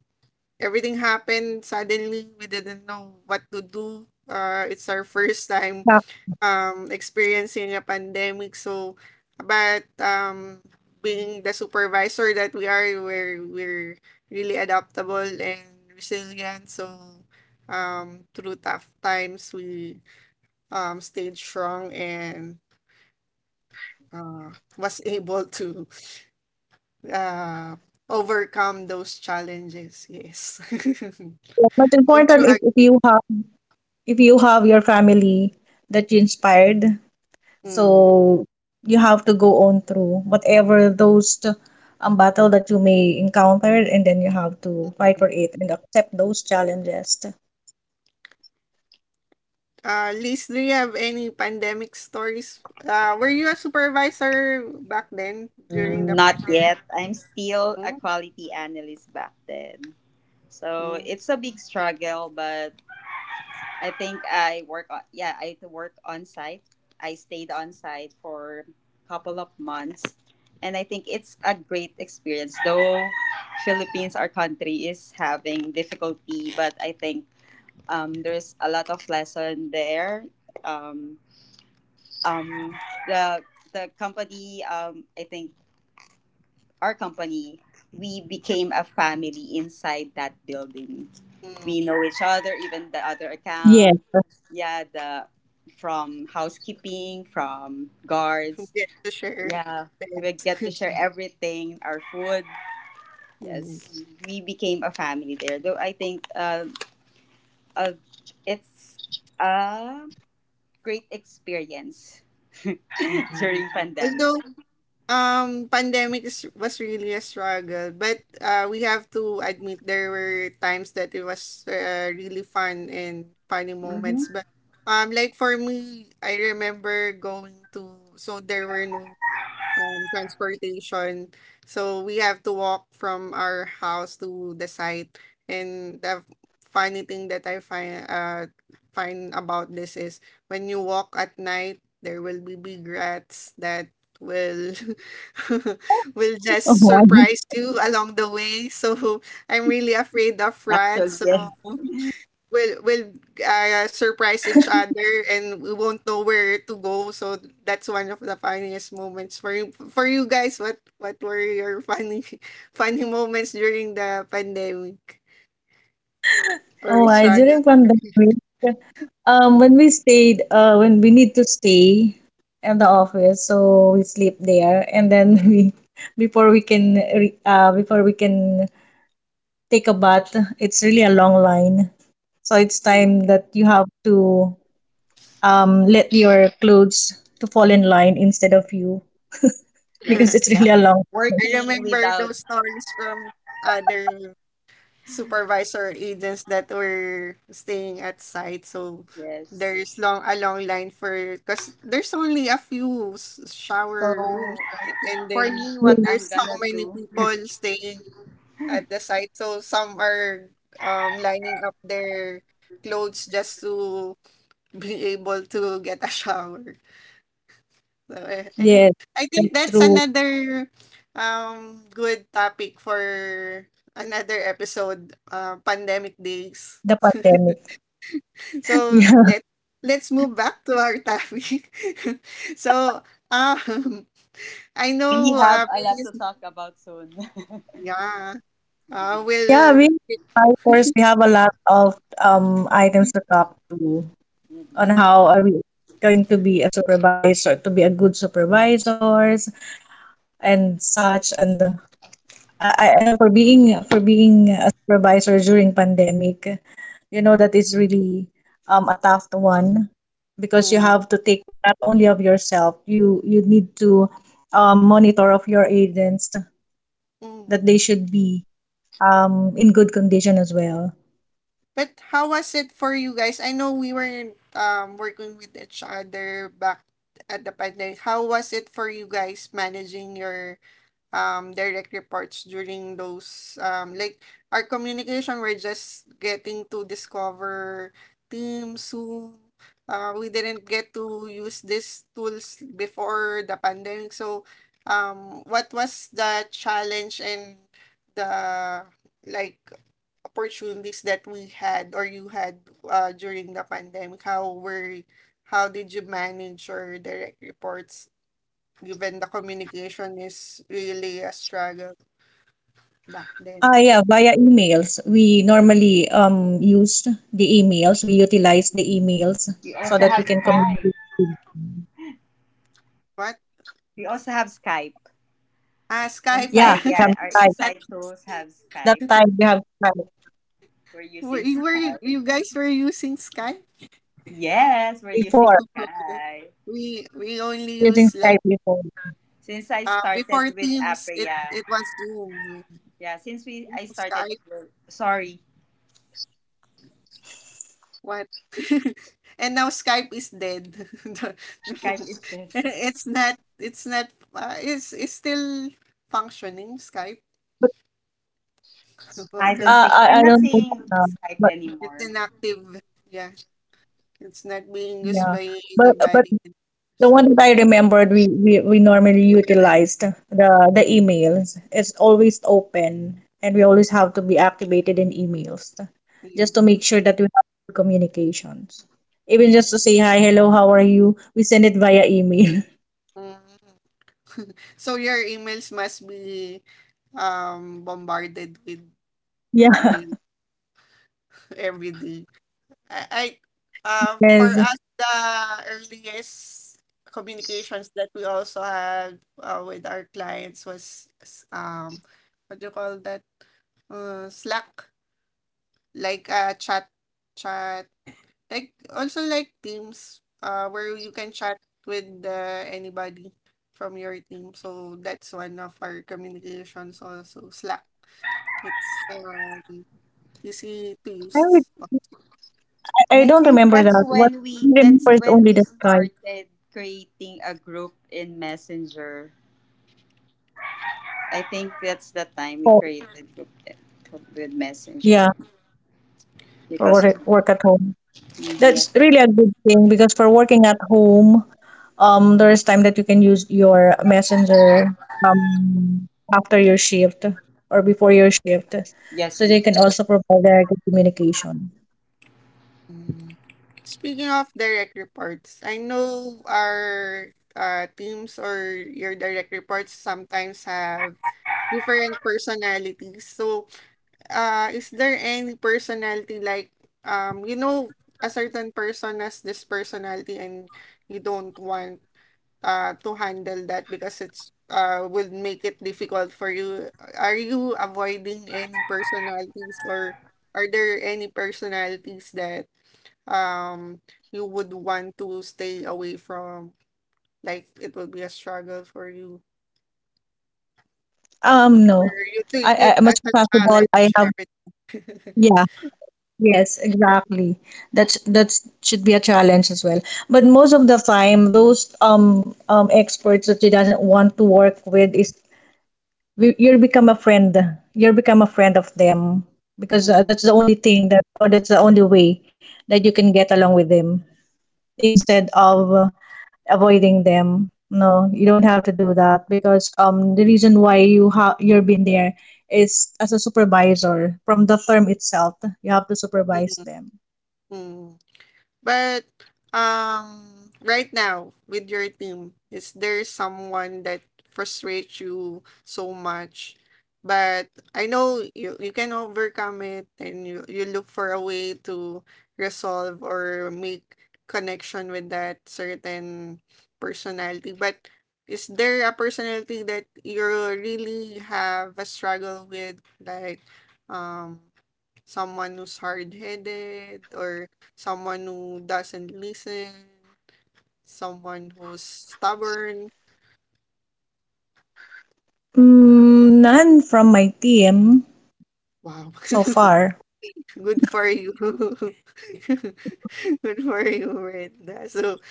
[SPEAKER 1] everything happened suddenly. We didn't know what to do. It's our first time
[SPEAKER 3] but
[SPEAKER 1] experiencing a pandemic. So, but being the supervisor that we are, we're really adaptable and resilient. So, through tough times, we stayed strong and uh, was able to uh, overcome those challenges. Yes.
[SPEAKER 3] but
[SPEAKER 1] Don't
[SPEAKER 3] important
[SPEAKER 1] you
[SPEAKER 3] if you have your family that you inspired,
[SPEAKER 1] agree?
[SPEAKER 3] so you have to go on through whatever those battle that you may encounter, and then you have to fight for it and accept those challenges.
[SPEAKER 1] Liz, do you have any pandemic stories? Were you a supervisor back then
[SPEAKER 2] Mm,
[SPEAKER 1] during
[SPEAKER 2] not
[SPEAKER 1] the
[SPEAKER 2] yet.
[SPEAKER 1] pandemic?
[SPEAKER 2] I'm still a
[SPEAKER 1] Mm.
[SPEAKER 2] quality analyst back then. So it's
[SPEAKER 1] Mm.
[SPEAKER 2] a big struggle, but I think I work on yeah, I had to work on site. I stayed on site for a couple of months and I think it's a great experience. Though Philippines, our country, is having difficulty, but I think there's a lot of lesson there. Um, um, the company, I think our company, we became a family inside that building. We know each other,
[SPEAKER 3] Yes.
[SPEAKER 2] even the other account. Yeah, the from housekeeping, from guards.
[SPEAKER 1] Get to share
[SPEAKER 2] Yeah,
[SPEAKER 1] that.
[SPEAKER 2] we get to share everything, our food.
[SPEAKER 1] Mm,
[SPEAKER 2] Yes, we became a family there. Though I think uh, it's a great experience
[SPEAKER 1] mm.
[SPEAKER 2] during pandemic.
[SPEAKER 1] Although pandemic was really a struggle, but we have to admit there were times that it was really fun and funny
[SPEAKER 2] Mm-hmm.
[SPEAKER 1] moments. But like for me, I remember going to, so there were no transportation. So we have to walk from our house to the site. And the funny thing that I find about this is, when you walk at night, there will be big rats that will will just
[SPEAKER 3] Oh, I,
[SPEAKER 1] surprise you along the way. So I'm really afraid of
[SPEAKER 2] Actually,
[SPEAKER 1] rats. So
[SPEAKER 2] yes.
[SPEAKER 1] will surprise each other, and we won't know where to go. So that's one of the funniest moments. For you for you guys, what were your funny funny moments during the pandemic or
[SPEAKER 3] oh, I
[SPEAKER 1] struggle?
[SPEAKER 3] during pandemic, when we stayed, when we need to stay at the office, so we sleep there, and then we, before we can, before we can take a bath, it's really a long line. So it's
[SPEAKER 1] Hmm.
[SPEAKER 3] time that you have to let your clothes to fall in line instead of you because
[SPEAKER 2] Yes,
[SPEAKER 3] it's
[SPEAKER 1] Yeah,
[SPEAKER 3] really a long.
[SPEAKER 1] I
[SPEAKER 2] working
[SPEAKER 1] remember
[SPEAKER 2] without.
[SPEAKER 1] those stories from other supervisor agents that were staying at site. So
[SPEAKER 2] Yes.
[SPEAKER 1] there's long a long line, for because there's only a few
[SPEAKER 2] So
[SPEAKER 1] shower rooms, right? And
[SPEAKER 2] for
[SPEAKER 1] then
[SPEAKER 2] me, what I'm
[SPEAKER 1] there's how
[SPEAKER 2] gonna
[SPEAKER 1] many
[SPEAKER 2] do,
[SPEAKER 1] people staying at the site. So some are lining up their clothes just to be able to get a shower. So anyway,
[SPEAKER 3] Yes,
[SPEAKER 1] I
[SPEAKER 3] that's
[SPEAKER 1] think that's
[SPEAKER 3] through
[SPEAKER 1] another good topic for another episode, pandemic days.
[SPEAKER 3] the pandemic.
[SPEAKER 1] So let's move back to our topic. So um, I know
[SPEAKER 2] we have a
[SPEAKER 1] being
[SPEAKER 2] lot to talk about soon.
[SPEAKER 1] yeah,
[SPEAKER 3] Yeah, we
[SPEAKER 1] will.
[SPEAKER 3] of course we have a lot of items to talk to
[SPEAKER 2] Mhm.
[SPEAKER 3] on
[SPEAKER 1] Mm,
[SPEAKER 3] how are we going to be a supervisor, to be a good supervisors and such. And I I know for being a supervisor during pandemic, you know that is really a tough one because you
[SPEAKER 1] mm,
[SPEAKER 3] have to take not only of yourself, you need to monitor of your agents that they
[SPEAKER 1] mm.
[SPEAKER 3] should be in good condition as well.
[SPEAKER 1] But how was it for you guys? I know we weren't working with each other back at the pandemic. How was it for you guys managing your direct reports during those, like, our communication? We're just getting to discover Teams, who, we didn't get to use these tools before the pandemic. So what was the challenge and the, like, opportunities that we had or you had during the pandemic? How were how did you manage your direct reports, given the communication is really a struggle back then?
[SPEAKER 3] Ah, yeah, via emails. We normally used the emails. We utilized the emails
[SPEAKER 2] We
[SPEAKER 3] so
[SPEAKER 2] also
[SPEAKER 3] that we
[SPEAKER 2] have
[SPEAKER 3] can
[SPEAKER 2] Skype.
[SPEAKER 3] communicate with.
[SPEAKER 1] What?
[SPEAKER 2] We also have Skype
[SPEAKER 1] Ah, Skype, yeah.
[SPEAKER 3] Yeah,
[SPEAKER 2] inside.
[SPEAKER 3] from
[SPEAKER 2] Yeah, our
[SPEAKER 3] Skype.
[SPEAKER 1] That-
[SPEAKER 2] inside tools have
[SPEAKER 3] That
[SPEAKER 2] Skype.
[SPEAKER 3] time we have Skype
[SPEAKER 2] We're using
[SPEAKER 1] were
[SPEAKER 2] Skype.
[SPEAKER 1] you guys were using Skype?
[SPEAKER 2] Yes, we're
[SPEAKER 3] before.
[SPEAKER 2] using
[SPEAKER 1] Okay.
[SPEAKER 2] Skype.
[SPEAKER 1] We
[SPEAKER 3] We're
[SPEAKER 1] we
[SPEAKER 3] using
[SPEAKER 1] only
[SPEAKER 3] Skype
[SPEAKER 1] use,
[SPEAKER 3] before.
[SPEAKER 1] like,
[SPEAKER 2] Since I started
[SPEAKER 1] before
[SPEAKER 2] with
[SPEAKER 1] Teams, it
[SPEAKER 2] Apria, yeah.
[SPEAKER 1] it was Zoom, yeah.
[SPEAKER 2] Yeah, Since we I started,
[SPEAKER 1] Skype,
[SPEAKER 2] sorry.
[SPEAKER 1] what? And now Skype is dead. The-
[SPEAKER 2] Skype
[SPEAKER 1] No.
[SPEAKER 2] is this.
[SPEAKER 1] It's not, it's still functioning, Skype,
[SPEAKER 3] But
[SPEAKER 2] I
[SPEAKER 1] or
[SPEAKER 2] don't think I'm
[SPEAKER 3] I
[SPEAKER 2] not
[SPEAKER 3] don't know.
[SPEAKER 2] saying
[SPEAKER 3] Uh,
[SPEAKER 2] Skype
[SPEAKER 3] but
[SPEAKER 1] it's
[SPEAKER 2] anymore.
[SPEAKER 1] inactive. Yeah. It's not being
[SPEAKER 3] yeah,
[SPEAKER 1] used by
[SPEAKER 3] but
[SPEAKER 1] anybody.
[SPEAKER 3] the one that I
[SPEAKER 1] So,
[SPEAKER 3] remembered, we normally utilized the emails. It's always open, and we always have to be activated in emails
[SPEAKER 1] yeah.
[SPEAKER 3] just to make sure that we have good communications. Even just to say hi, hello, how are you? We send it via email.
[SPEAKER 1] Mm. So your emails must be bombarded with
[SPEAKER 3] Yeah.
[SPEAKER 1] mail every day. I, I for
[SPEAKER 3] Yes. I,
[SPEAKER 1] us, the earliest communications that we also had with our clients was, what do you call that? Slack, like a chat, like also like Teams, where you can chat with anybody from your team. So that's one of our communications also, Slack. It's easy to
[SPEAKER 3] would-
[SPEAKER 1] use.
[SPEAKER 2] And
[SPEAKER 3] I
[SPEAKER 2] I
[SPEAKER 3] don't
[SPEAKER 2] think
[SPEAKER 3] remember that. What I remember
[SPEAKER 2] that's
[SPEAKER 3] is
[SPEAKER 2] when
[SPEAKER 3] only
[SPEAKER 2] we
[SPEAKER 3] the Skype.
[SPEAKER 2] started creating a group in Messenger. I think that's the time we
[SPEAKER 3] Oh,
[SPEAKER 2] created group with Messenger
[SPEAKER 3] yeah, for work,
[SPEAKER 2] because of
[SPEAKER 3] work at home.
[SPEAKER 2] yeah.
[SPEAKER 3] That's really a good thing because for working at home, there is time that you can use your messenger um after your shift or before your shift, so they
[SPEAKER 2] Yes
[SPEAKER 3] can also
[SPEAKER 2] because
[SPEAKER 3] provide a good communication.
[SPEAKER 1] Mm. Speaking of direct reports, I know our teams or your direct reports sometimes have different personalities. So is there any personality, like, um you know a certain person has this personality and you don't want to handle that because it's will make it difficult for you? Are you avoiding any personalities, or are there any personalities that um you would want to stay away from, like it will be a struggle for you,
[SPEAKER 3] No,
[SPEAKER 1] or you
[SPEAKER 3] i
[SPEAKER 1] take
[SPEAKER 3] i
[SPEAKER 1] it
[SPEAKER 3] much
[SPEAKER 1] as
[SPEAKER 3] as
[SPEAKER 1] a
[SPEAKER 3] possible I
[SPEAKER 1] challenge
[SPEAKER 3] have,
[SPEAKER 1] every
[SPEAKER 3] yeah, yes exactly, that's should be a challenge as well. But most of the time those experts that she doesn't want to work with is, you'll become a friend. You'll become a friend of them because
[SPEAKER 1] mm,
[SPEAKER 3] that's the only thing that, or that's the only way that you can get along with them, instead of avoiding them. No, you don't have to do that because the reason why you have, you've been there is, as a supervisor from the firm itself, you have to
[SPEAKER 1] mm,
[SPEAKER 3] supervise them.
[SPEAKER 1] mm? But right now with your team, is there someone that frustrates you so much? But I know you can overcome it, and you look for a way to resolve or make connection with that certain personality. But is there a personality that you really have a struggle with? Like, um, someone who's hard headed, or someone who doesn't listen, someone who's stubborn.
[SPEAKER 3] None from my team
[SPEAKER 1] Wow.
[SPEAKER 3] so far.
[SPEAKER 1] Good for you. Good for
[SPEAKER 2] good
[SPEAKER 1] you,
[SPEAKER 2] job
[SPEAKER 1] Brenda.
[SPEAKER 2] Brenda.
[SPEAKER 1] So,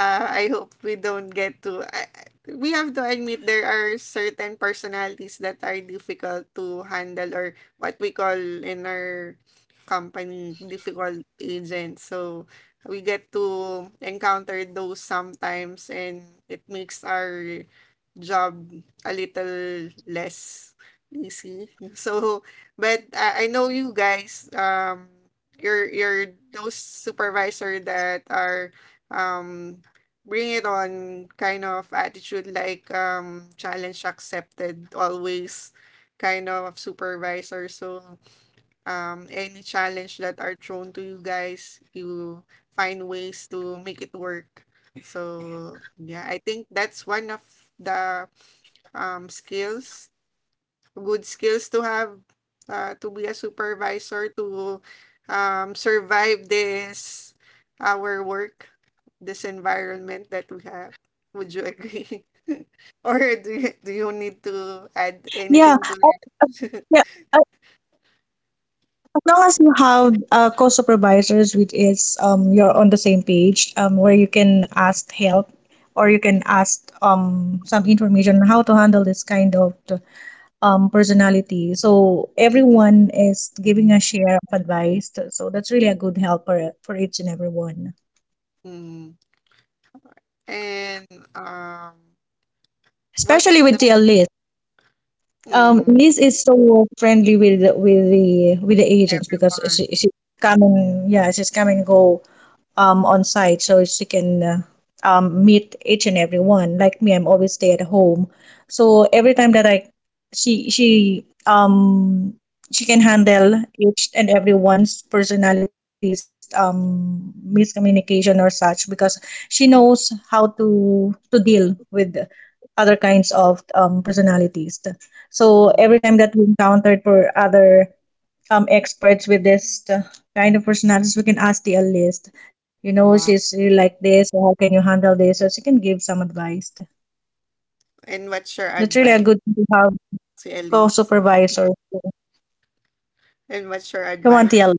[SPEAKER 1] I hope we don't get to. We have to admit there are certain personalities that are difficult to handle, or what we call in our company, difficult agents. So, we get to encounter those sometimes, and it makes our job a little less easy. So, but I know you guys, you're those supervisor that are um bring it on kind of attitude, like, challenge accepted always kind of supervisor. So, any challenge that are thrown to you guys, you find ways to make it work. So yeah, I think that's one of the skills, good skills to have, to be a supervisor, to survive this, our work, this environment that we have. Would you agree?
[SPEAKER 2] Yes,
[SPEAKER 1] Or
[SPEAKER 2] yes.
[SPEAKER 1] do do
[SPEAKER 3] Yeah,
[SPEAKER 1] you need to add
[SPEAKER 3] yeah,
[SPEAKER 1] anything to that?
[SPEAKER 3] long as you have co-supervisors, which is, you're on the same page, where you can ask help, or you can ask some information on how to handle this kind of personality. So everyone is giving a share of advice. So that's really a good help for each and everyone,
[SPEAKER 2] Mm.
[SPEAKER 1] Mm. And um,
[SPEAKER 3] especially
[SPEAKER 1] what's the
[SPEAKER 3] with TLS.
[SPEAKER 1] mm,
[SPEAKER 2] Oh,
[SPEAKER 3] Liz is so friendly with the, with the agents because
[SPEAKER 1] everyone?
[SPEAKER 3] she come and, yeah, she's come and go on site, so she can meet each and every one. Like me, I'm always stay at home, so every time that I, she she can handle each and every one's personalities, miscommunication or such, because she knows how to deal with other kinds of personalities. So
[SPEAKER 1] Mm,
[SPEAKER 3] every time that we encountered for other experts with this kind of personalities, we can ask the list. You know,
[SPEAKER 1] wow.
[SPEAKER 3] she's really like this. How can you handle this? So she can give some advice.
[SPEAKER 1] And
[SPEAKER 2] thank you
[SPEAKER 1] what's
[SPEAKER 2] so
[SPEAKER 1] your
[SPEAKER 3] That's really
[SPEAKER 2] much.
[SPEAKER 3] a
[SPEAKER 1] advice,
[SPEAKER 3] good thing to have
[SPEAKER 1] Elise?
[SPEAKER 3] co-supervisor.
[SPEAKER 2] Yes
[SPEAKER 1] And
[SPEAKER 2] because
[SPEAKER 1] what's your
[SPEAKER 3] Come on,
[SPEAKER 1] advice
[SPEAKER 3] TL,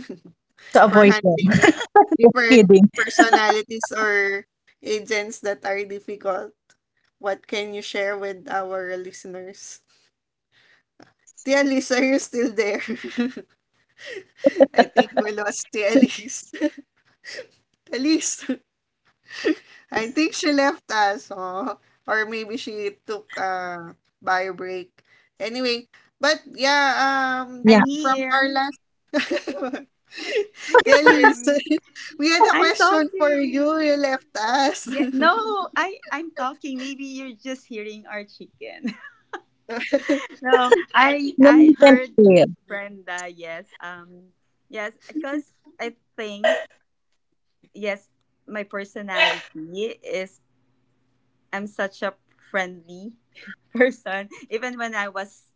[SPEAKER 2] advice,
[SPEAKER 3] to
[SPEAKER 1] for
[SPEAKER 3] avoid them.
[SPEAKER 1] handling
[SPEAKER 2] it
[SPEAKER 1] different
[SPEAKER 2] really
[SPEAKER 3] Kidding.
[SPEAKER 2] depends
[SPEAKER 1] personalities
[SPEAKER 2] on.
[SPEAKER 1] or agents that are difficult? What can you share with our listeners?
[SPEAKER 2] I think
[SPEAKER 1] Tia Elise, are
[SPEAKER 2] for.
[SPEAKER 1] you still there?
[SPEAKER 2] Yes, I'm still. Can you hear me, or just
[SPEAKER 1] I think
[SPEAKER 2] you're
[SPEAKER 1] we
[SPEAKER 2] just
[SPEAKER 1] lost
[SPEAKER 2] hearing
[SPEAKER 1] Tia
[SPEAKER 2] our
[SPEAKER 1] Liz.
[SPEAKER 2] chicken?
[SPEAKER 1] Tia
[SPEAKER 2] Yes, I'm still
[SPEAKER 1] Elise,
[SPEAKER 2] here. I'm.
[SPEAKER 1] I think she left us. Oh, or
[SPEAKER 2] Yes,
[SPEAKER 1] maybe
[SPEAKER 2] oh,
[SPEAKER 1] she took a bio
[SPEAKER 2] I'm
[SPEAKER 1] break.
[SPEAKER 2] here. You can hear
[SPEAKER 1] Anyway,
[SPEAKER 2] me.
[SPEAKER 1] but yeah,
[SPEAKER 3] Yeah.
[SPEAKER 2] I'm
[SPEAKER 1] from our
[SPEAKER 2] here.
[SPEAKER 1] last.
[SPEAKER 2] You can
[SPEAKER 1] Tia
[SPEAKER 2] hear
[SPEAKER 1] Elise,
[SPEAKER 2] me.
[SPEAKER 1] we had a
[SPEAKER 2] I'm
[SPEAKER 1] question for you.
[SPEAKER 2] talking.
[SPEAKER 1] You left us.
[SPEAKER 2] Yeah, no, I'm talking. Maybe you're just hearing our chicken. No, I
[SPEAKER 3] No, you can't
[SPEAKER 2] heard
[SPEAKER 3] fail.
[SPEAKER 2] Brenda. Yes, yes, because I think yes, my personality is I'm such a friendly person. Even when I was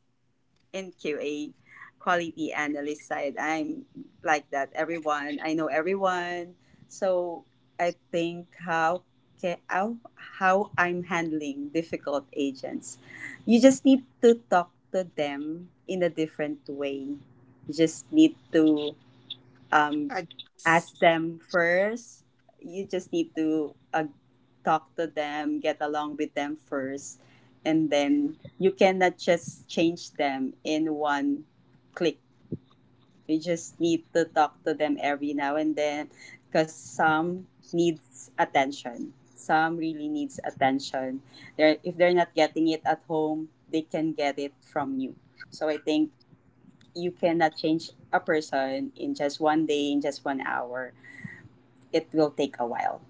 [SPEAKER 2] in QA quality analyst side, I'm like that. Everyone, I know everyone. So I think ca- how, how I'm handling difficult agents. You just need to talk to them in a different way. You just need to um,
[SPEAKER 1] Adults,
[SPEAKER 2] ask them first. You just need to talk to them, get along with them first, and then you cannot just change them in one click. You just need to talk to them every now and then because some needs attention. Some really needs attention. They're, if they're not getting it at home, they can get it from you. So I think you cannot change a person in just one day, in just 1 hour, it will take a while.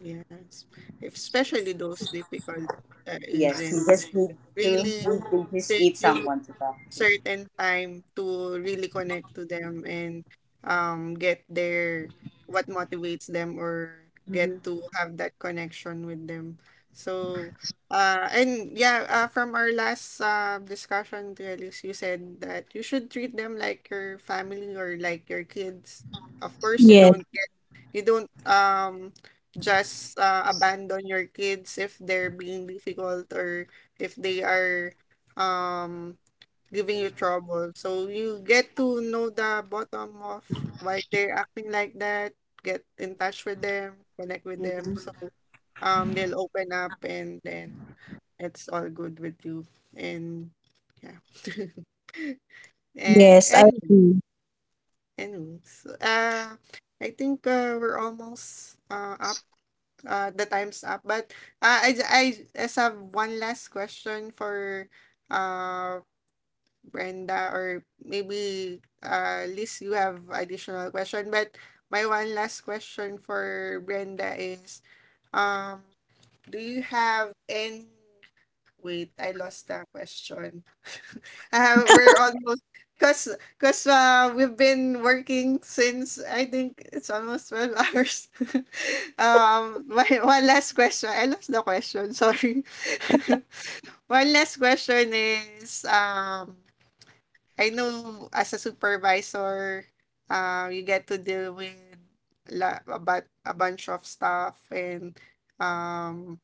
[SPEAKER 1] yes, especially those difficult
[SPEAKER 2] Yes, you
[SPEAKER 1] agents that
[SPEAKER 2] just need
[SPEAKER 1] could
[SPEAKER 2] to.
[SPEAKER 1] really
[SPEAKER 2] You just
[SPEAKER 1] take
[SPEAKER 2] need
[SPEAKER 1] you
[SPEAKER 2] someone to talk to.
[SPEAKER 1] certain time to really connect to them and get their, what motivates them, or get to have that connection with them. So and yeah, from our last discussion, Alice, you said that you should treat them like your family or like your kids. Of course, you
[SPEAKER 3] Yes.
[SPEAKER 1] don't You don't um just abandon your kids if they're being difficult or if they are um giving you trouble. So you get to know the bottom of why they're acting like that, get in touch with them, connect with them.
[SPEAKER 2] Mhm.
[SPEAKER 1] So they'll open up, and then it's all good with you. And yeah. And
[SPEAKER 3] Yes, I
[SPEAKER 1] anyway,
[SPEAKER 3] agree.
[SPEAKER 1] anyways, uh I think we're almost up, the time's up. But I just have one last question for uh, Brenda, or maybe Liz, you have additional question. But my one last question for Brenda is, um, do you have any? Wait, I lost that question. We're almost, because we've been working since, I think, it's almost 12 hours. One last question. I lost the question. Sorry. One last question is, I know, as a supervisor, you get to deal with a bunch of stuff, and um,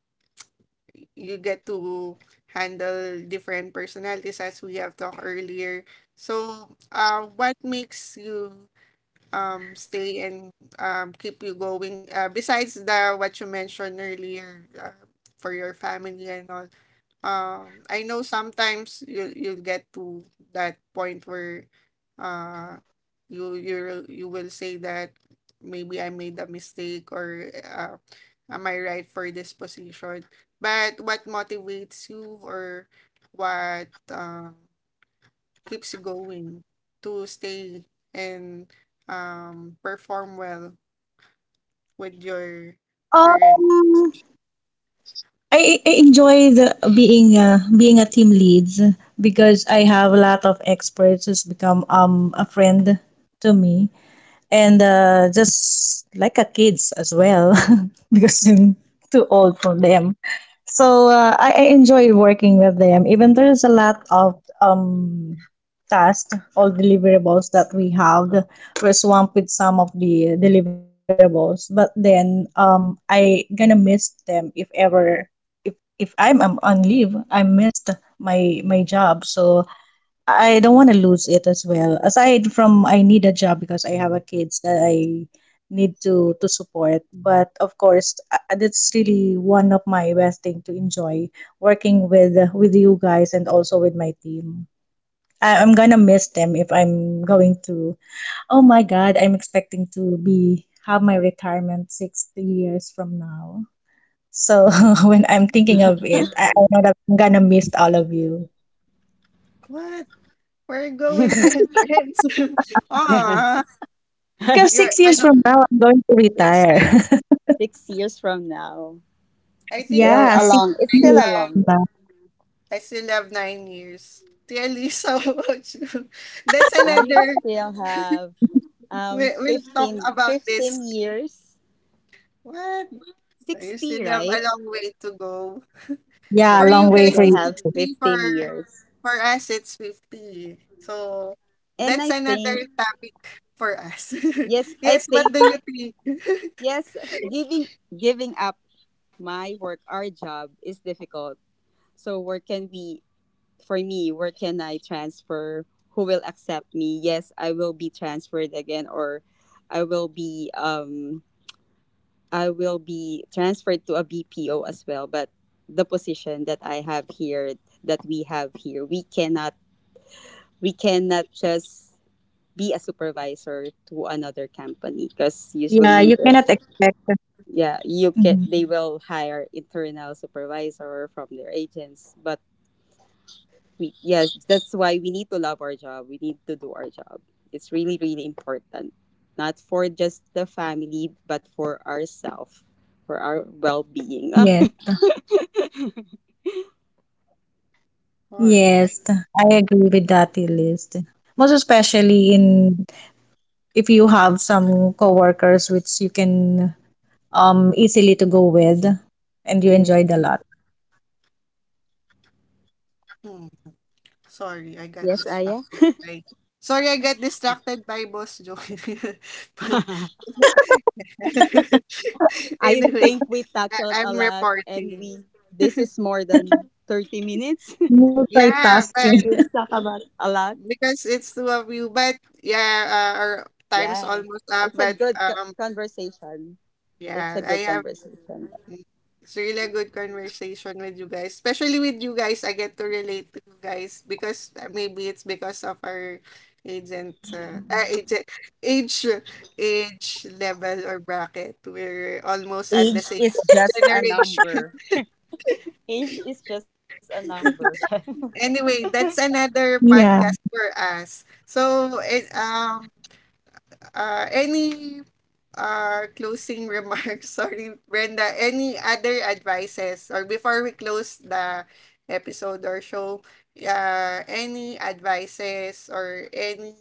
[SPEAKER 1] you get to handle different personalities, as we have talked earlier. So, what makes you stay and keep you going, besides the what you mentioned earlier, for your family and all? I know sometimes you'll get to that point where, uh you will say that, maybe I made a mistake, or am I right for this position? But what motivates you, or what keeps you going, to stay and perform well with your current?
[SPEAKER 3] Um, I I enjoy the being being a team leads because I have a lot of experts who's become a friend to me, and just like a kids as well, because I'm too old for them. So I enjoy working with them. Even there is a lot of tasks or deliverables that we have. We're swamped with some of the deliverables, but then I gonna miss them if ever, if if I'm, I'm on leave, I missed my job. So I don't want to lose it as well. Aside from I need a job because I have a kids that I need to support. But of course, that's really one of my best thing to enjoy working with you guys and also with my team. I'm gonna miss them if I'm going to. Oh my God, I'm expecting to be have my retirement 6 years from now. So when I'm thinking of it, I know that I'm gonna miss all of you.
[SPEAKER 1] What? We're going to have friends. ah
[SPEAKER 3] Because
[SPEAKER 1] you're,
[SPEAKER 3] six
[SPEAKER 1] I
[SPEAKER 3] years
[SPEAKER 1] know,
[SPEAKER 3] from now, I'm going to
[SPEAKER 1] six
[SPEAKER 3] retire.
[SPEAKER 1] years
[SPEAKER 2] 6 years from now,
[SPEAKER 1] I
[SPEAKER 2] it's
[SPEAKER 1] think
[SPEAKER 2] still
[SPEAKER 3] yeah,
[SPEAKER 2] a
[SPEAKER 3] six
[SPEAKER 2] long. It's still
[SPEAKER 1] i
[SPEAKER 3] years
[SPEAKER 2] a
[SPEAKER 1] have
[SPEAKER 2] long
[SPEAKER 3] from
[SPEAKER 2] way.
[SPEAKER 3] now.
[SPEAKER 1] I still have 9 years, really. So, about you, that's
[SPEAKER 2] I
[SPEAKER 1] another,
[SPEAKER 2] still have
[SPEAKER 1] we'll talk
[SPEAKER 2] fifteen,
[SPEAKER 1] about this.
[SPEAKER 2] fifteen years,
[SPEAKER 1] What You
[SPEAKER 2] 60,
[SPEAKER 1] still have a
[SPEAKER 2] right?
[SPEAKER 1] long way to go.
[SPEAKER 3] Yeah,
[SPEAKER 1] For
[SPEAKER 2] Yes,
[SPEAKER 3] long
[SPEAKER 1] you
[SPEAKER 2] I
[SPEAKER 3] way
[SPEAKER 1] guys,
[SPEAKER 3] for
[SPEAKER 2] still
[SPEAKER 3] you.
[SPEAKER 1] it's
[SPEAKER 2] have
[SPEAKER 1] 60.
[SPEAKER 2] 15 years,
[SPEAKER 1] For us, it's 50. So,
[SPEAKER 2] and
[SPEAKER 1] that's another topic for us.
[SPEAKER 2] I
[SPEAKER 1] Yes, what
[SPEAKER 2] think
[SPEAKER 1] do you think?
[SPEAKER 2] yes, giving giving up my work, our job is difficult. So where can we? For me, where can I transfer? Who will accept me? Yes, I will be transferred again, or I will be um I will be transferred to a BPO as well, but the position that I have here we cannot just be a supervisor to another company because
[SPEAKER 3] Yeah,
[SPEAKER 2] usually
[SPEAKER 3] you
[SPEAKER 2] the,
[SPEAKER 3] cannot expect.
[SPEAKER 2] yeah you can,
[SPEAKER 3] Mhm.
[SPEAKER 2] they will hire internal supervisor from their agents but we, yes, that's why we need to love our job, we need to do our job, it's really important, not for just the family but for ourselves, for our well-being.
[SPEAKER 3] Yes,
[SPEAKER 1] All right.
[SPEAKER 3] yes, I agree with that list. Most
[SPEAKER 1] Eh,
[SPEAKER 3] especially in, if you have some coworkers which you can easily to go with, and you
[SPEAKER 2] Yes,
[SPEAKER 3] enjoyed a lot.
[SPEAKER 1] Mm, sorry, I got
[SPEAKER 2] yes, Aya.
[SPEAKER 1] distracted. Sorry, I got distracted by Boss Joy.
[SPEAKER 2] I
[SPEAKER 1] Anyway,
[SPEAKER 2] think we tackled
[SPEAKER 1] I'm
[SPEAKER 2] a lot and
[SPEAKER 1] reporting.
[SPEAKER 2] we, this is more than 30 minutes.
[SPEAKER 1] Yeah, but
[SPEAKER 3] Multitasking.
[SPEAKER 2] We've talked about a lot.
[SPEAKER 1] because it's two of you. But yeah, our time's
[SPEAKER 2] Yeah,
[SPEAKER 1] almost up. But
[SPEAKER 2] it's a good conversation.
[SPEAKER 1] yeah,
[SPEAKER 2] It's a good
[SPEAKER 1] I
[SPEAKER 2] conversation.
[SPEAKER 1] it's really a good conversation with you guys. Especially with you guys, I get to relate to you guys because, maybe it's because of our agent age age level or bracket. We're almost at the same
[SPEAKER 2] Age is just a
[SPEAKER 1] generation.
[SPEAKER 2] number. Age is just a number.
[SPEAKER 1] Anyway, that's another
[SPEAKER 3] yeah.
[SPEAKER 1] podcast for us. Any closing remarks? Sorry, Brenda. Any other advices? Or before we close the episode or show, any advices or any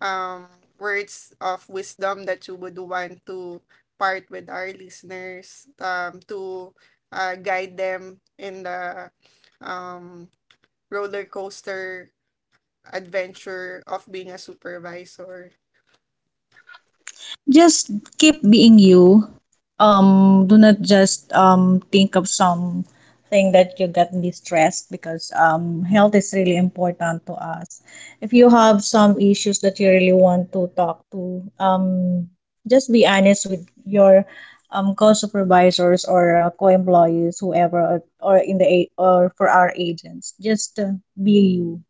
[SPEAKER 1] um, words of wisdom that you would want to part with our listeners, to guide them in the um, roller coaster adventure of being a supervisor?
[SPEAKER 3] Just keep being you. Do not just think of some thing that you get me stressed, because health is really important to us. If you have some issues that you really want to talk to, just be honest with your co-supervisors or co-employees, whoever, or, or for our agents. Just be you,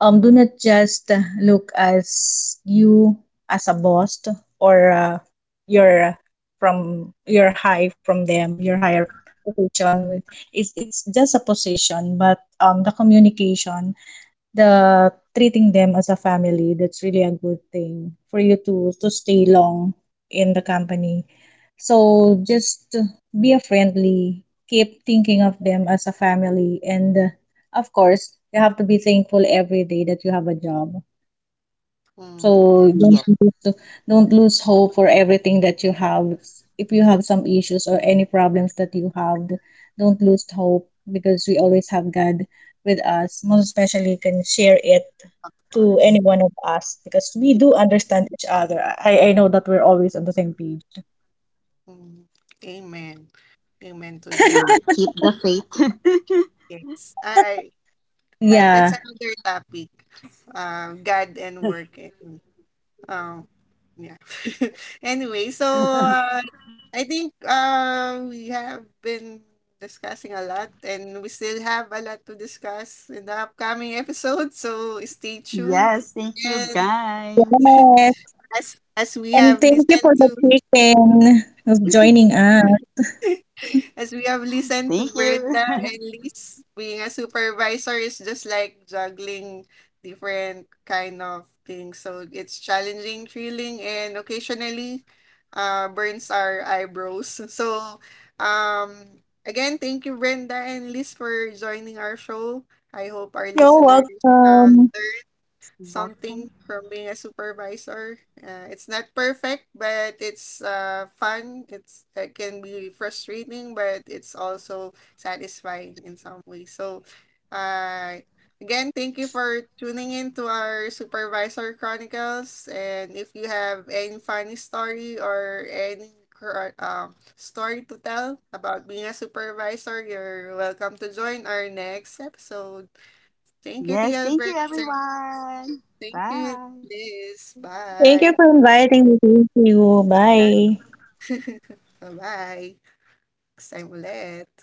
[SPEAKER 3] do not just look as you, as a boss, or your from your high from them, your higher position. It's just a position, but the communication, the treating them as a family, that's really a good thing for you to stay long in the company. So just be a friendly, keep thinking of them as a family, and of course, you have to be thankful every day that you have a job.
[SPEAKER 1] Mm, yeah,
[SPEAKER 3] So
[SPEAKER 2] Yes.
[SPEAKER 3] don't lose hope for everything that you have. If you have some issues or any problems that you have, don't lose hope because we always have God with us. Most especially, you can share it
[SPEAKER 1] of
[SPEAKER 3] to any
[SPEAKER 1] course.
[SPEAKER 3] one of us because we do understand each other. I know that we're always on the same page.
[SPEAKER 1] Mm, Amen. Amen to that.
[SPEAKER 2] Mm, keep the faith.
[SPEAKER 1] Yes. I that's
[SPEAKER 3] Yeah.
[SPEAKER 1] another topic. God and work and um yeah. Anyway, so I think we have been discussing a lot, and we still have a lot to discuss in the upcoming episode, so stay tuned.
[SPEAKER 2] Yes, thank you
[SPEAKER 1] And
[SPEAKER 2] guys.
[SPEAKER 3] Yes.
[SPEAKER 1] as as we
[SPEAKER 3] And
[SPEAKER 1] have
[SPEAKER 3] thank you for
[SPEAKER 1] listened to
[SPEAKER 3] the chicken of joining us.
[SPEAKER 1] As we have listened to
[SPEAKER 2] Thank
[SPEAKER 1] Brenda and
[SPEAKER 2] you.
[SPEAKER 1] Liz, being a supervisor is just like juggling different kind of things. So it's challenging, thrilling, and occasionally burns our eyebrows. So again, thank you, Brenda and Liz, for joining our show. I hope our
[SPEAKER 3] You're
[SPEAKER 1] listeners uh,
[SPEAKER 3] welcome.
[SPEAKER 1] something
[SPEAKER 2] Welcome.
[SPEAKER 1] from being a supervisor. It's not perfect, but it's fun. It can be frustrating, but it's also satisfying in some way. So, uh, again, thank you for tuning in to our Supervisor Chronicles. And if you have any funny story or any story to tell about being a supervisor, you're welcome to join our next episode. Thank you,
[SPEAKER 2] Yes,
[SPEAKER 1] Tia
[SPEAKER 2] thank
[SPEAKER 1] Brett.
[SPEAKER 2] you everyone.
[SPEAKER 1] Thank you,
[SPEAKER 2] Bye.
[SPEAKER 1] Liz.
[SPEAKER 3] Thank you for
[SPEAKER 1] Bye.
[SPEAKER 3] inviting me. Thank you. Bye.
[SPEAKER 1] Bye-bye. Next time ulit.